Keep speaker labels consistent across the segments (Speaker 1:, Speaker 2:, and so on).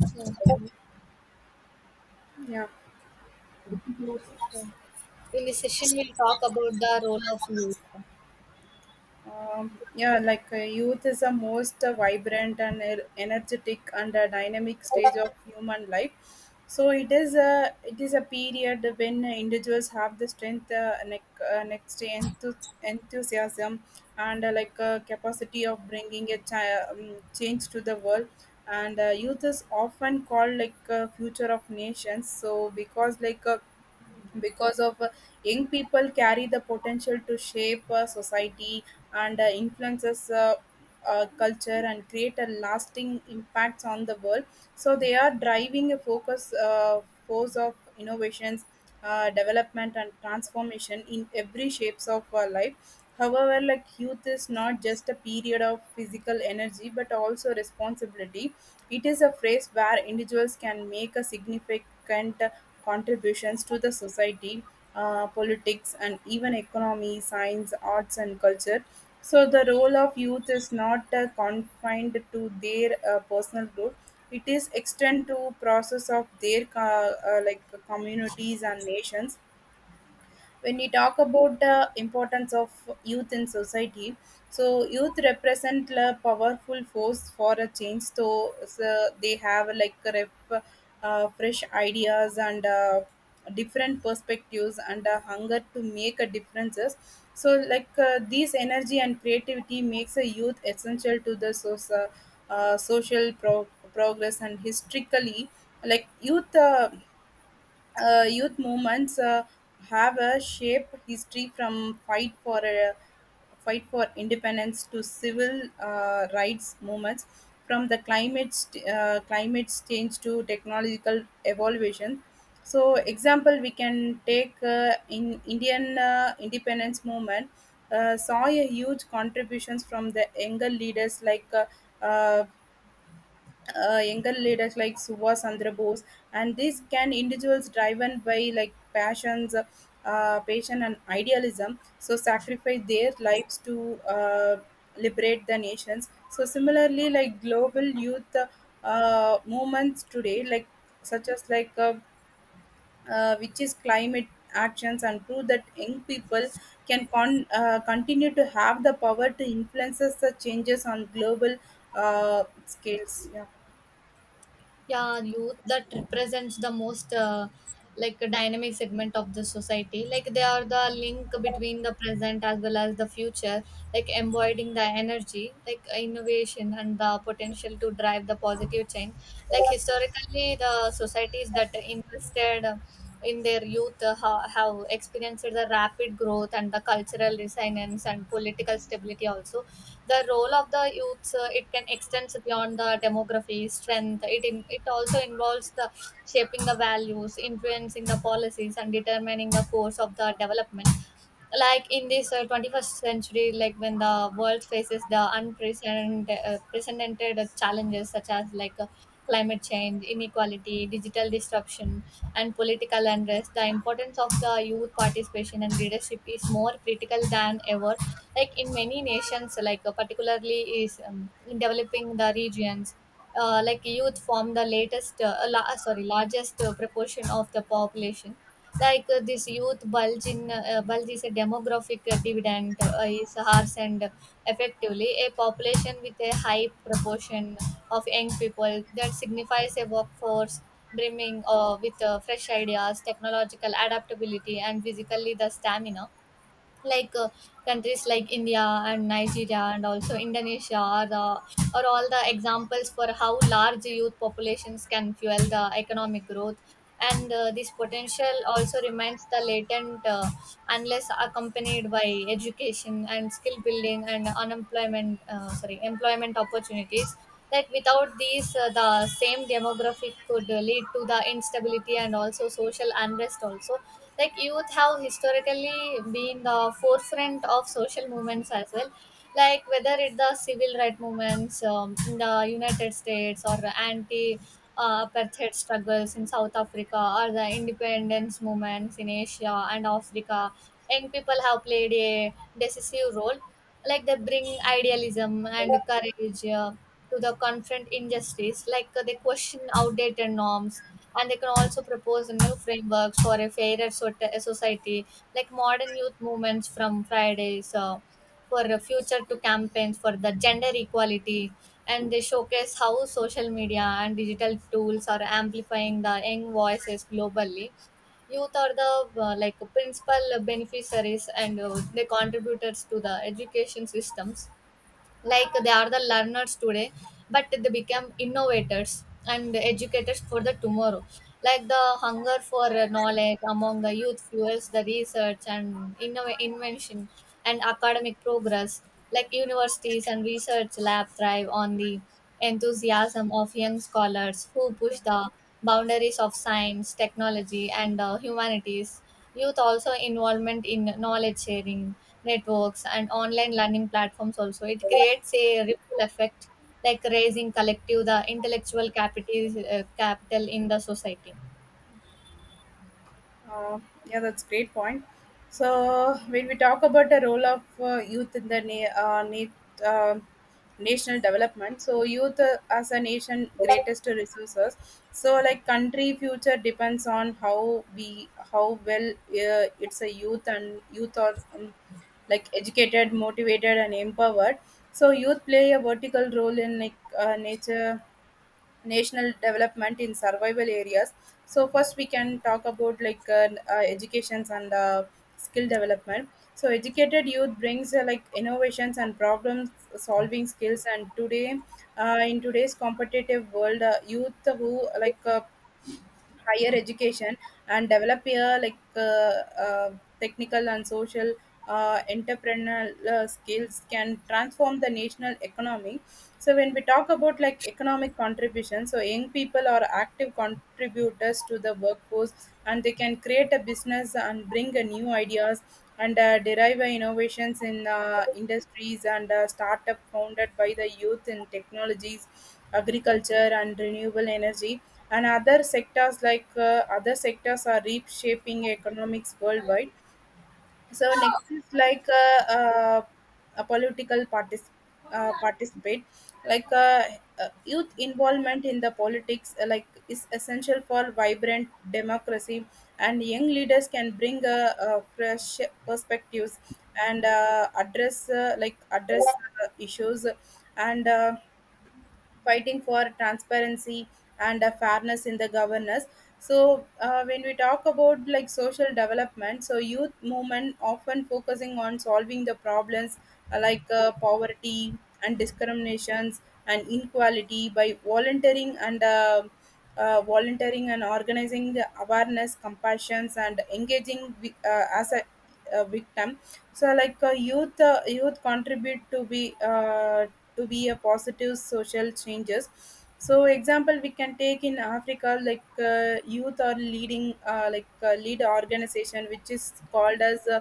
Speaker 1: Yeah,
Speaker 2: Yeah,
Speaker 1: in this session, we'll talk about the role of youth.
Speaker 2: yeah, youth is the most vibrant and energetic and dynamic stage of human life. So it is a period when individuals have the strength, next enthusiasm, and capacity of bringing a change to the world. And youth is often called future of nations. So because like because of Young people carry the potential to shape society and influences culture and create a lasting impacts on the world. So they are driving a focus force of innovations, development and transformation in every shapes of our life. However, youth is not just a period of physical energy but also responsibility. It is a phase where individuals can make a significant contributions to the society, politics and even economy, science, arts and culture. So the role of youth is not confined to their personal growth; it is extend to process of their communities and nations. When we talk about the importance of youth in society, so youth represent a powerful force for a change, so they have fresh ideas and different perspectives and a hunger to make a differences. So these energy and creativity makes a youth essential to the social progress. And historically, like youth movements have a shape history from fight for independence to civil rights movements, from the climate change to technological evolution. So, example, we can take in indian independence movement saw a huge contributions from the younger leaders like uh, younger leaders like Subhas Chandra Bose, and these can individuals driven by like passion and idealism, so sacrifice their lives to liberate the nations. So similarly, like global youth movements today, such as which is climate actions, and prove that young people can continue to have the power to influence the changes on global scales. Yeah.
Speaker 1: Yeah, youth that represents the most like a dynamic segment of the society. Like they are the link between the present as well as the future. Like embodying the energy, like innovation and the potential to drive the positive change. Like historically, the societies that invested in their youth have experienced the rapid growth and the cultural resonance and political stability also. The role of the youths, it can extend beyond the demography strength. It also involves the shaping the values, influencing the policies, and determining the course of the development. Like in this 21st century, like when the world faces the unprecedented precedented challenges such as climate change, inequality, digital disruption, and political unrest, the importance of the youth participation and leadership is more critical than ever. Like in many nations, particularly is in developing the regions, like youth form the sorry, largest proportion of the population. Like this youth bulge is a demographic dividend. Is harsh and effectively a population with a high proportion of young people that signifies a workforce brimming with fresh ideas, technological adaptability, and physically the stamina. Like countries like India and Nigeria and also Indonesia are, the, are all the examples for how large youth populations can fuel the economic growth. And this potential also remains the latent unless accompanied by education and skill building and sorry, employment opportunities. Like without these, the same demographic could lead to the instability and also social unrest also. Like youth have historically been the forefront of social movements as well, like whether it's the civil rights movements in the United States, or anti apartheid struggles in South Africa, or the independence movements in Asia and Africa. Young people have played a decisive role. Like they bring idealism and courage to the confront injustice. Like they question outdated norms, and they can also propose new frameworks for a fairer society. Like modern youth movements from Fridays for a Future to campaigns for the gender equality, and they showcase how social media and digital tools are amplifying the young voices globally. Youth are the like principal beneficiaries and the contributors to the education systems. Like they are the learners today, but they become innovators and educators for the tomorrow. Like the hunger for knowledge among the youth fuels the research and invention and academic progress. Like universities and research lab thrive on the enthusiasm of young scholars who push the boundaries of science, technology, and humanities. Youth also involvement in knowledge sharing, networks, and online learning platforms also. It creates a ripple effect, like raising collective the intellectual capital in the society.
Speaker 2: Uh, yeah, that's great point. So when we talk about the role of youth in the national development, so youth as a nation greatest resources. So like country future depends on how well it's a youth and youth are educated, motivated, and empowered. So youth play a vertical role in nature national development in survival areas. So first we can talk about like educations and skill development. So educated youth brings innovations and problem solving skills. And today in today's competitive world, youth who higher education and develop a like uh, technical and social entrepreneurial skills can transform the national economy. So when we talk about like economic contribution, so young people are active contributors to the workforce and they can create a business and bring a new ideas and derive innovations in industries. And startup founded by the youth in technologies, agriculture and renewable energy and other sectors, like other sectors are reshaping economics worldwide. So next is like a political participate. like uh, Youth involvement in the politics, is essential for vibrant democracy, and young leaders can bring a fresh perspectives and address issues and fighting for transparency and fairness in the governance. So when we talk about like social development, so youth movement often focusing on solving the problems, like poverty and discriminations and inequality by volunteering and volunteering and organizing the awareness compassions and engaging as a victim. So like youth contribute to be a positive social changes. So example, we can take in africa, youth are leading lead organization which is called as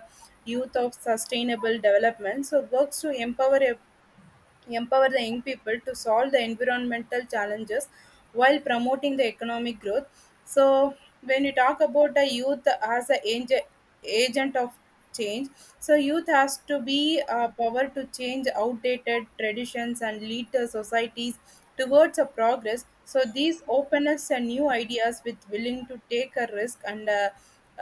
Speaker 2: youth of sustainable development, so works to empower the young people to solve the environmental challenges while promoting the economic growth. So when you talk about the youth as a agent of change, so youth has to be power to change outdated traditions and lead the societies towards a progress. So these open us a new ideas with willing to take a risk and uh,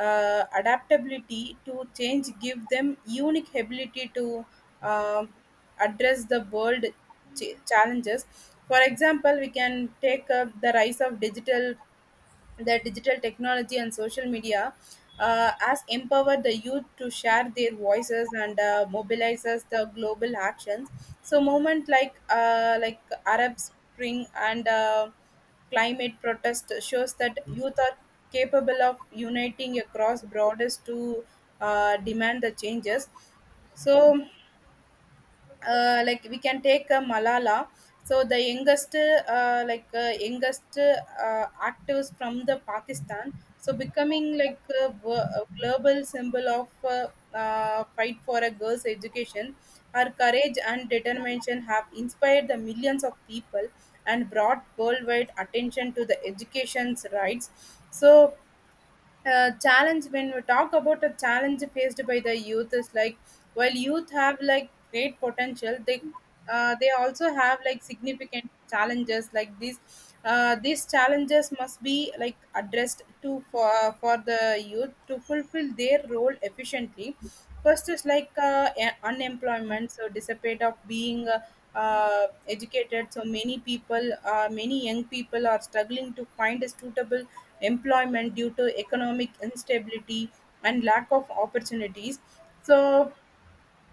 Speaker 2: uh, adaptability to change give them unique ability to uh, address the world challenges. For example, we can take up the rise of digital technology and social media has empowered the youth to share their voices and mobilizes the global actions. So movement like Arab Spring and climate protest shows that youth are capable of uniting across borders to demand the changes. So we can take Malala. So the youngest, youngest actives from the Pakistan. So becoming like a global symbol of fight for a girl's education. Her courage and determination have inspired the millions of people and brought worldwide attention to the education's rights. So challenge, when we talk about a challenge faced by the youth is like, while youth have like great potential, they also have like significant challenges. Like these challenges must be like addressed to for the youth to fulfill their role efficiently. First is like unemployment. So dissipate of being educated, so many young people are struggling to find a suitable employment due to economic instability and lack of opportunities. So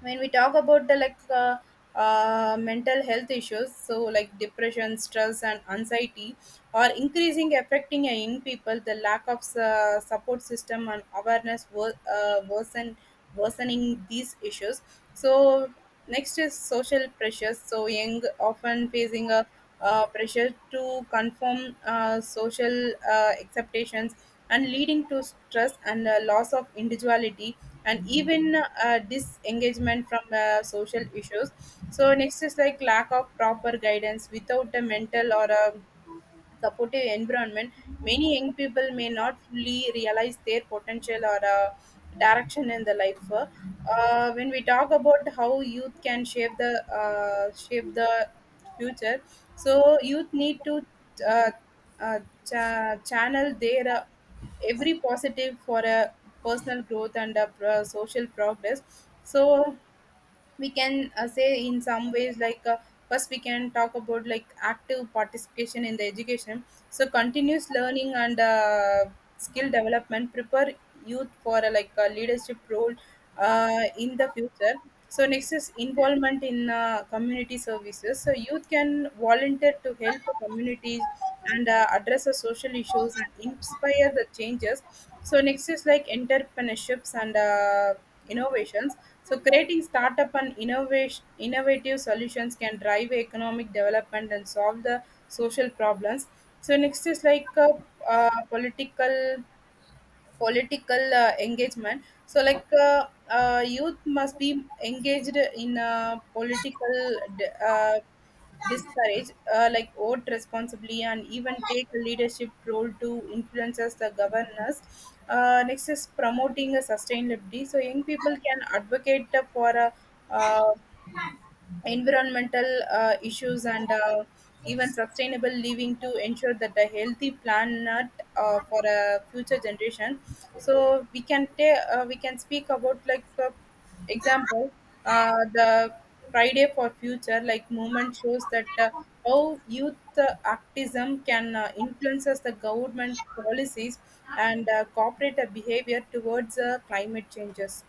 Speaker 2: when we talk about the like mental health issues, so like depression, stress and anxiety are increasing affecting a young people. The lack of support system and awareness worsening these issues. So next is social pressures. So young often facing a pressure to conform social expectations and leading to stress and loss of individuality and even disengagement from social issues. So next is like lack of proper guidance. Without a mental or a supportive environment, many young people may not fully realize their potential or direction in the life. When we talk about how youth can shape the future, so youth need to uh, uh, channel their every positive for a personal growth and a social progress. So we can say in some ways like first we can talk about like active participation in the education. So continuous learning and skill development prepare youth for like a leadership role in the future. So next is involvement in community services. So youth can volunteer to help the communities and address the social issues and inspire the changes. So next is like entrepreneurships and innovations. So creating startup and innovation innovative solutions can drive economic development and solve the social problems. So next is like political political engagement. So youth must be engaged in political d- uh, discourage, vote responsibly and even take a leadership role to influences the governors. Next is promoting a sustainability. So young people can advocate for a uh, environmental issues and even sustainable living to ensure that a healthy planet for a future generation. So we can we can speak about example, the friday for future like movement shows that how youth activism can influences the government policies and corporate behavior towards climate changes.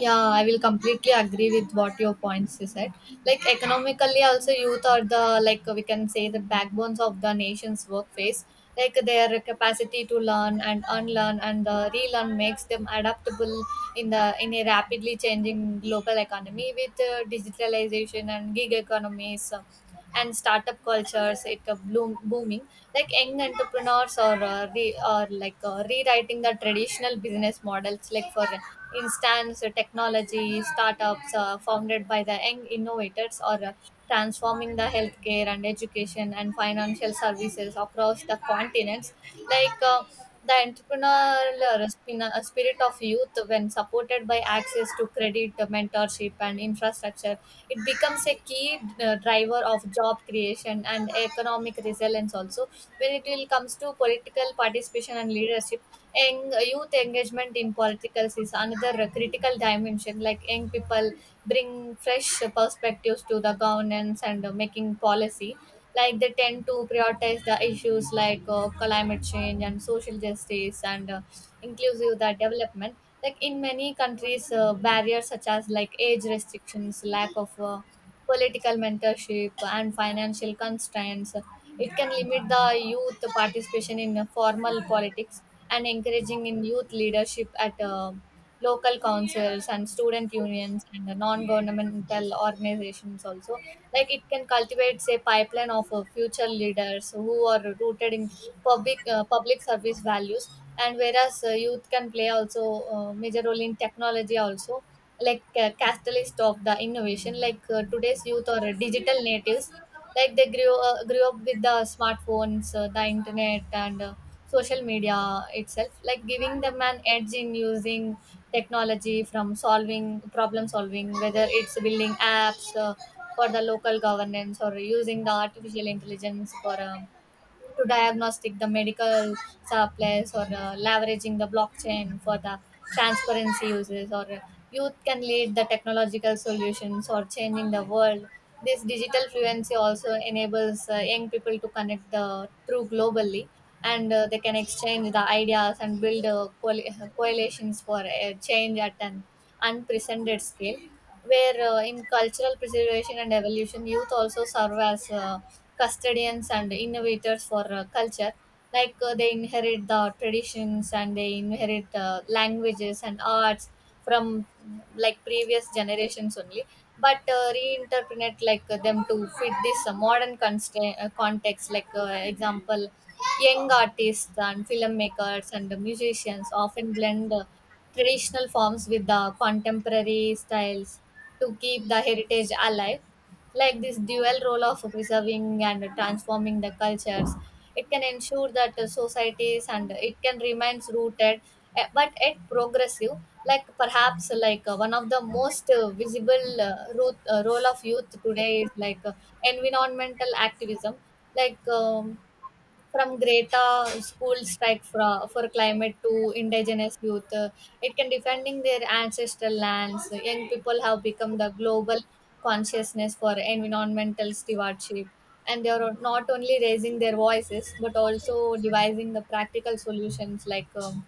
Speaker 1: Yeah, I will completely agree with what your points you said. Like economically, also youth are the, like we can say, the backbones of the nation's workforce. Like their capacity to learn and unlearn and relearn makes them adaptable in a rapidly changing global economy with digitalization and gig economies and startup cultures. It booming, like young entrepreneurs or rewriting the traditional business models, like for instance technology startups founded by the young innovators or transforming the healthcare and education and financial services across the continents. Like the entrepreneurial spirit of youth, when supported by access to credit, mentorship, and infrastructure, it becomes a key driver of job creation and economic resilience. Also, when it will comes to political participation and leadership, young youth engagement in politics is another critical dimension. Like young people bring fresh perspectives to the governance and making policy. Like they tend to prioritize the issues like climate change and social justice and inclusive the development. Like in many countries, barriers such as like age restrictions, lack of political mentorship, and financial constraints, it can limit the youth participation in formal politics, and encouraging in youth leadership at local councils and student unions and the non-governmental organizations also. Like it can cultivate say pipeline of future leaders who are rooted in public service values. And whereas youth can play also major role in technology also, like catalyst of the innovation. Like today's youth are digital natives. Like they grew up with the smartphones, the internet, and social media itself, like giving them an edge in using technology from solving problem solving, whether it's building apps for the local governance, or using the artificial intelligence for to diagnostic the medical surplus, or leveraging the blockchain for the transparency uses, or youth can lead the technological solutions or changing the world. This digital fluency also enables young people to connect the through globally, and they can exchange the ideas and build coalitions for change at an unprecedented scale. Where in cultural preservation and evolution, youth also serve as custodians and innovators for culture. Like they inherit the traditions and they inherit languages and arts from like previous generations only, but reinterpret them to fit this modern context. Like example, young artists and filmmakers and musicians often blend traditional forms with the contemporary styles to keep the heritage alive. Like this dual role of preserving and transforming the cultures, it can ensure that societies and it can remains rooted, but yet progressive. Like perhaps one of the most visible role of youth today is like environmental activism. Like from greater school strike for climate to indigenous youth, it can defending their ancestral lands. Young people have become the global consciousness for environmental stewardship, and they are not only raising their voices but also devising the practical solutions like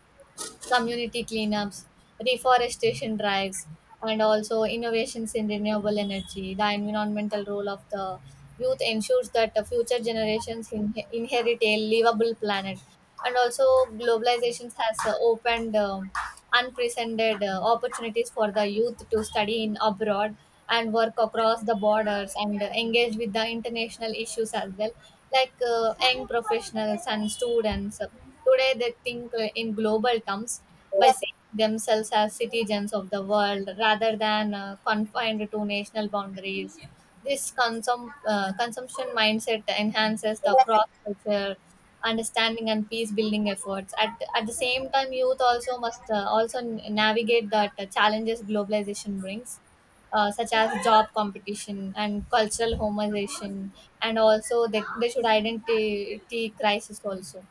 Speaker 1: community cleanups, reforestation drives, and also innovations in renewable energy. The environmental role of the youth ensures that the future generations inherit a livable planet. And also, globalization has opened unprecedented opportunities for the youth to study in abroad and work across the borders and engage with the international issues as well. Like young professionals and students today they think in global terms by seeing themselves as citizens of the world rather than confined to national boundaries. This consumption mindset enhances the cross culture understanding and peace building efforts at the same time. Youth also must navigate that challenges globalization brings, such as job competition and cultural homogenization, and also they should identity crisis also.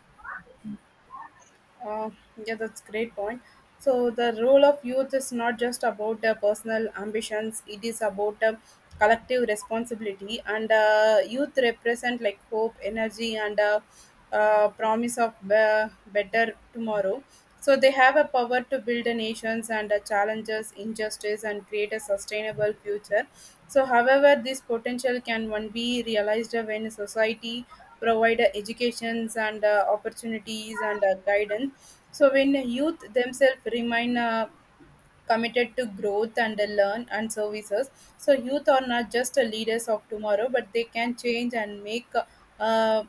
Speaker 2: Uh, yeah, that's great point. So the role of youth is not just about personal ambitions; it is about collective responsibility. And youth represent like hope, energy, and promise of better tomorrow. So they have a power to build the nations and challenges injustice and create a sustainable future. So, however, this potential can one be realized when society provide educations and opportunities and guidance. So when youth themselves remain committed to growth and learn and services. So youth are not just leaders of tomorrow, but they can change and make uh,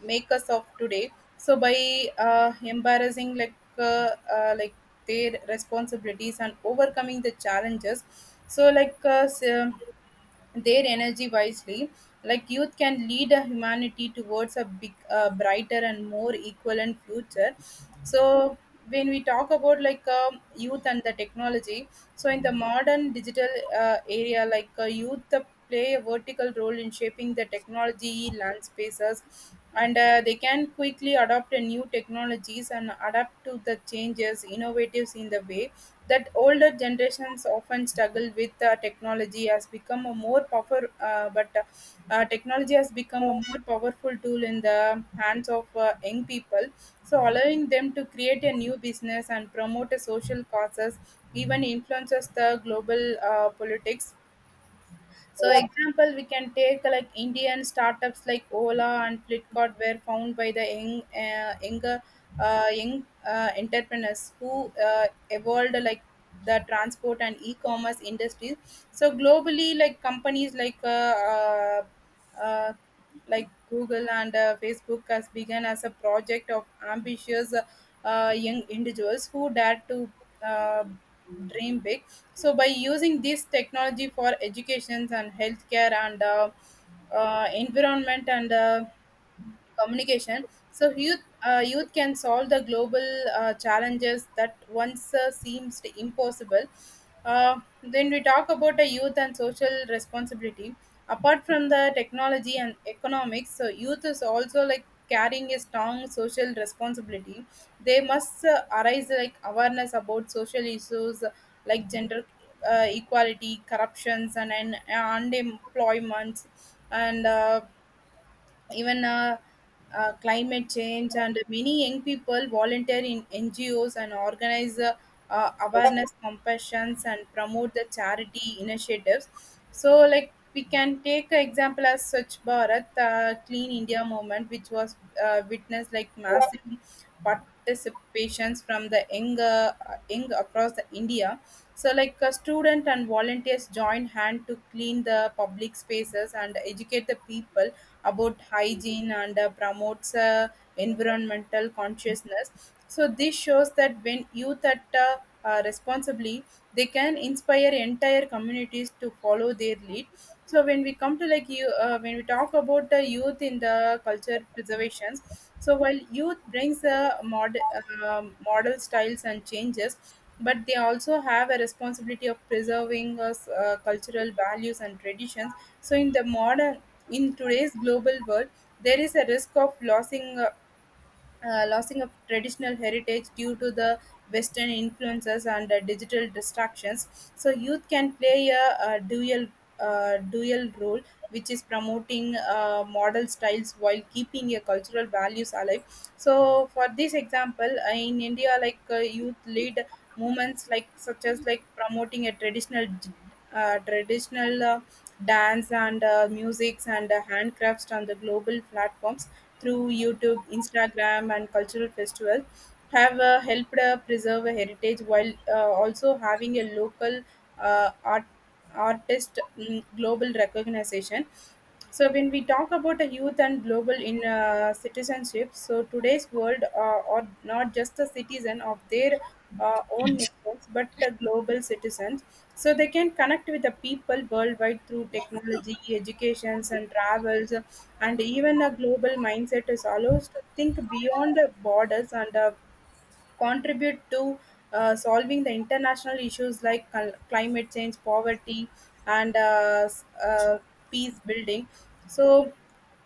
Speaker 2: make us of today. So by embarrassing like their responsibilities and overcoming the challenges. So their energy wisely. Like youth can lead a humanity towards a brighter and more equivalent future. So when we talk about youth and the technology, so in the modern digital area, like youth play a vertical role in shaping the technology landscapes, and they can quickly adopt a new technologies and adapt to the changes, innovatives in the way that older generations often struggle with. Technology has become a more powerful but Technology has become a more powerful tool in the hands of young people, so allowing them to create a new business and promote a social causes, even influences the global politics. So example, we can take like Indian startups like Ola and Flipkart were found by the young entrepreneurs who evolved like the transport and e-commerce industries. So globally, like companies uh, uh, like Google and Facebook has begun as a project of ambitious young individuals who dared to uh, dream big. So by using this technology for educations and healthcare and environment and communication, so youth can solve the global challenges that once seems impossible. Then we talk about a youth and social responsibility. Apart from the technology and economics, so youth is also like carrying a strong social responsibility. They must arise like awareness about social issues like gender equality, corruptions and unemployment and even climate change, and many young people volunteer in ngos and organize awareness compassions and promote the charity initiatives. So like we can take an example as Swachh Bharat Clean India movement, which was witnessed like massive participations from the young across the India. So like a student and volunteers joined hand to clean the public spaces and educate the people about hygiene and promotes environmental consciousness. So this shows that when youth act responsibly, they can inspire entire communities to follow their lead. So when we come to like you when we talk about the youth in the culture preservations, so while youth brings a model styles and changes, but they also have a responsibility of preserving us cultural values and traditions. So in the modern, in today's global world, there is a risk of losing losing of traditional heritage due to the Western influences and digital distractions. So youth can play a, dual role, which is promoting model styles while keeping your cultural values alive. So for this example, in India, like youth lead movements like such as like promoting a traditional uh, traditional uh, dance and musics and handcrafts on the global platforms through YouTube, Instagram, and cultural festivals, have helped preserve a heritage while also having a local uh, art artist global recognition. So when we talk about a youth and global in citizenship, so today's world are not just a citizen of their own nations, but a global citizens. So they can connect with the people worldwide through technology educations and travels, and even a global mindset is allows to think beyond the borders and contribute to solving the international issues like climate change, poverty and peace building. So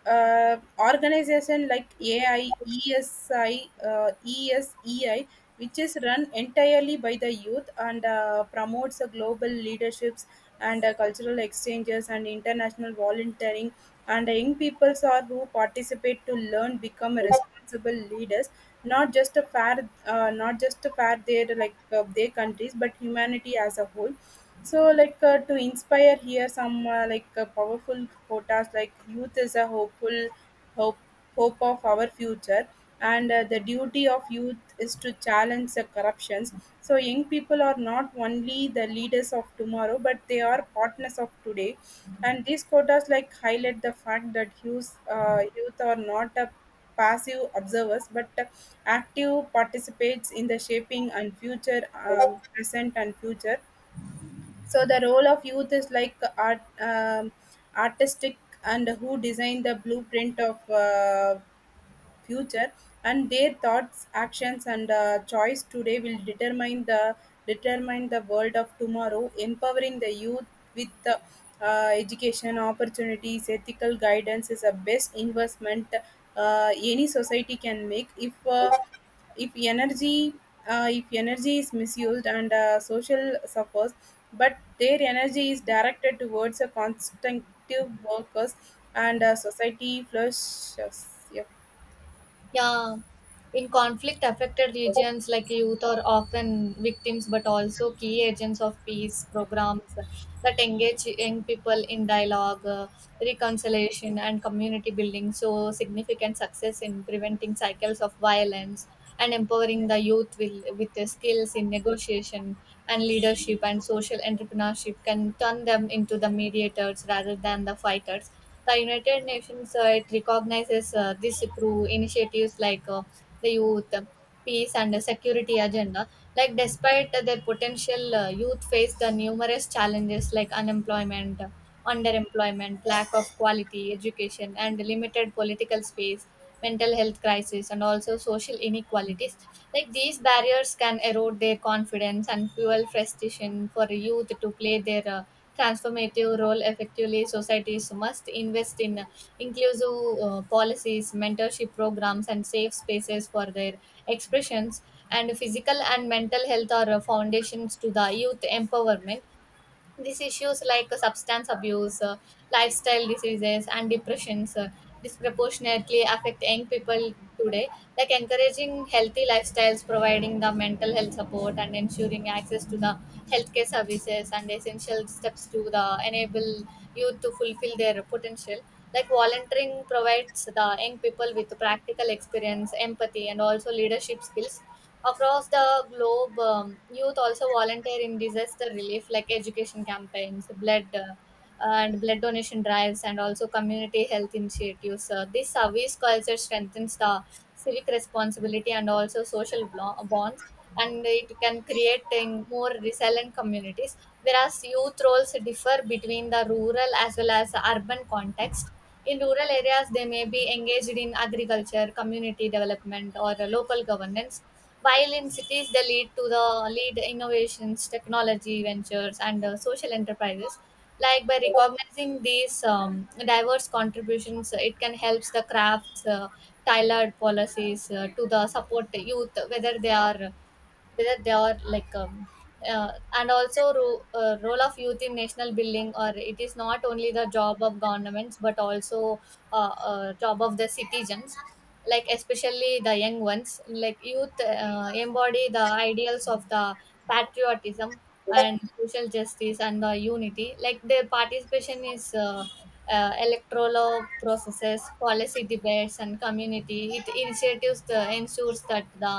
Speaker 2: organization like AI, ESI, ESEI, which is run entirely by the youth and promotes the global leaderships and cultural exchanges and international volunteering. And the young peoples are who participate to learn, become responsible leaders, not just a not just a fair their their countries, but humanity as a whole. So to inspire here some powerful quotas like youth is a hope hope of our future, and the duty of youth is to challenge the corruptions. So young people are not only the leaders of tomorrow, but they are partners of today, and these quotas like highlight the fact that youth are not a passive observers, but active participates in the shaping and future present and future. So the role of youth is like artistic and who design the blueprint of future, and their thoughts, actions and choice today will determine the world of tomorrow. Empowering the youth with education opportunities, ethical guidance is a best investment any society can make. If uh, if energy uh, if energy is misused and social suffers, but their energy is directed towards a constructive workers, and society flourishes. Yeah.
Speaker 1: Yeah, in conflict affected regions, like youth are often victims, but also key agents of peace programs that engage young people in dialogue, reconciliation, and community building. So, significant success in preventing cycles of violence and empowering the youth will, with the skills in negotiation and leadership and social entrepreneurship, can turn them into the mediators rather than the fighters. The United Nations, it recognizes this through initiatives like the youth, peace, and the security agenda. Like, despite their potential, youth face the numerous challenges like unemployment, underemployment, lack of quality education, and limited political space, mental health crisis, and also social inequalities. Like these barriers can erode their confidence and fuel frustration. For youth to play their transformative role effectively, societies must invest in inclusive policies, mentorship programs, and safe spaces for their expressions. And physical and mental health are foundations to the youth empowerment. These issues like substance abuse, lifestyle diseases, and depressions disproportionately affect young people today. Like encouraging healthy lifestyles, providing the mental health support, and ensuring access to the healthcare services and essential steps to the enable youth to fulfill their potential. Like volunteering provides the young people with practical experience, empathy, and also leadership skills. Across the globe, youth also volunteer in disaster relief, like education campaigns, blood donation drives, and also community health initiatives. This service culture strengthens the civic responsibility and also social bonds, and it can create in more resilient communities. Whereas youth roles differ between the rural as well as urban context. In rural areas, they may be engaged in agriculture, community development, or local governance, while in cities they lead to the lead innovations, technology ventures, and social enterprises. Like by recognizing these diverse contributions, it can help the crafts tailored policies to the support youth, whether they are like uh, and also role of youth in national building, or it is not only the job of governments, but also job of the citizens, like especially the young ones. Like youth embody the ideals of the patriotism and social justice and the unity. Like their participation is electoral processes, policy debates, and community it initiatives, the ensures that the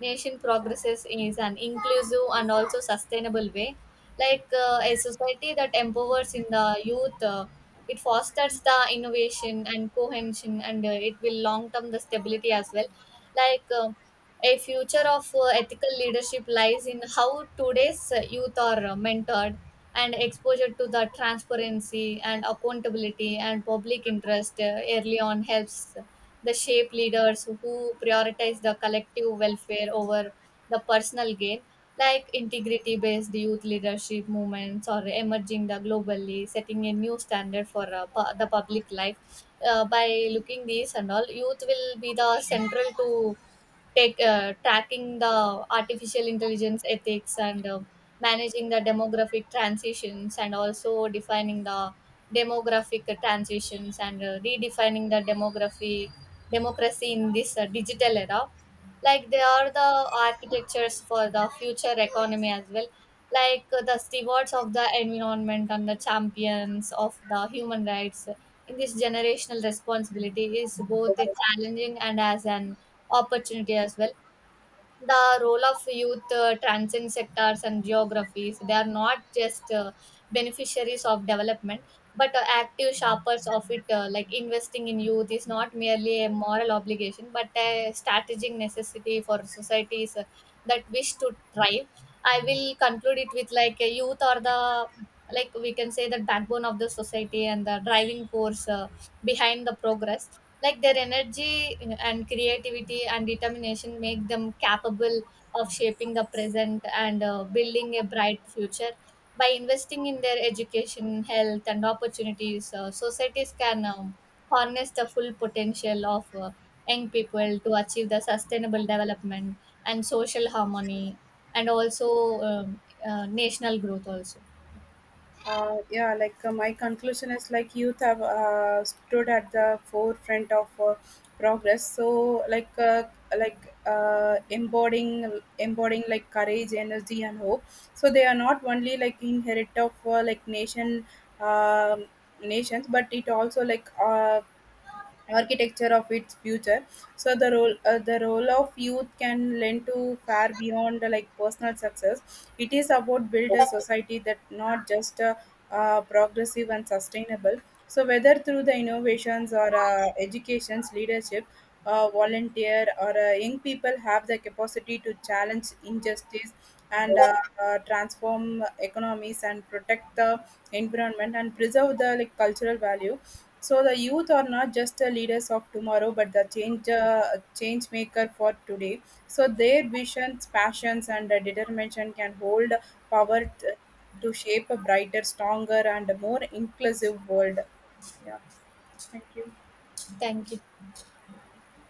Speaker 1: nation progresses in an inclusive and also sustainable way. Like a society that empowers in the youth, it fosters the innovation and cohesion, and it will long term the stability as well. Like a future of ethical leadership lies in how today's youth are mentored, and exposure to the transparency and accountability and public interest early on helps the shape leaders who prioritize the collective welfare over the personal gain. Like integrity based youth leadership movements or emerging the globally, setting a new standard for the public life. Uh, by looking these and all, youth will be the central to take tracking the artificial intelligence ethics and managing the demographic transitions and also defining the demographic transitions and redefining the demography democracy in this digital era. Like they are the architectures for the future economy as well, like the stewards of the environment and the champions of the human rights. In this generational responsibility is both a challenging and as an opportunity as well. The role of youth transcends sectors and geographies. They are not just beneficiaries of development, but active sharpers of it. Like investing in youth is not merely a moral obligation, but a strategic necessity for societies that wish to thrive. I will conclude it with like a youth or the, like we can say, the backbone of the society and the driving force behind the progress. Like their energy and creativity and determination make them capable of shaping the present and building a bright future. By investing in their education, health, and opportunities, societies can harness the full potential of young people to achieve the sustainable development and social harmony, and also national growth also.
Speaker 2: Yeah, like my conclusion is like youth have stood at the forefront of progress. So embodying like courage, energy, and hope. So they are not only like inherit of like um nations, but it also like architecture of its future. So the role of youth can lend to far beyond like personal success. It is about build a society that not just progressive and sustainable. So whether through the innovations or education's leadership, volunteer or young people have the capacity to challenge injustice and transform economies and protect the environment and preserve the like cultural value. So the youth are not just the leaders of tomorrow, but the change maker for today. So their visions, passions, and determination can hold power t- to shape a brighter, stronger, and more inclusive world. Yeah, thank you.
Speaker 1: Thank you.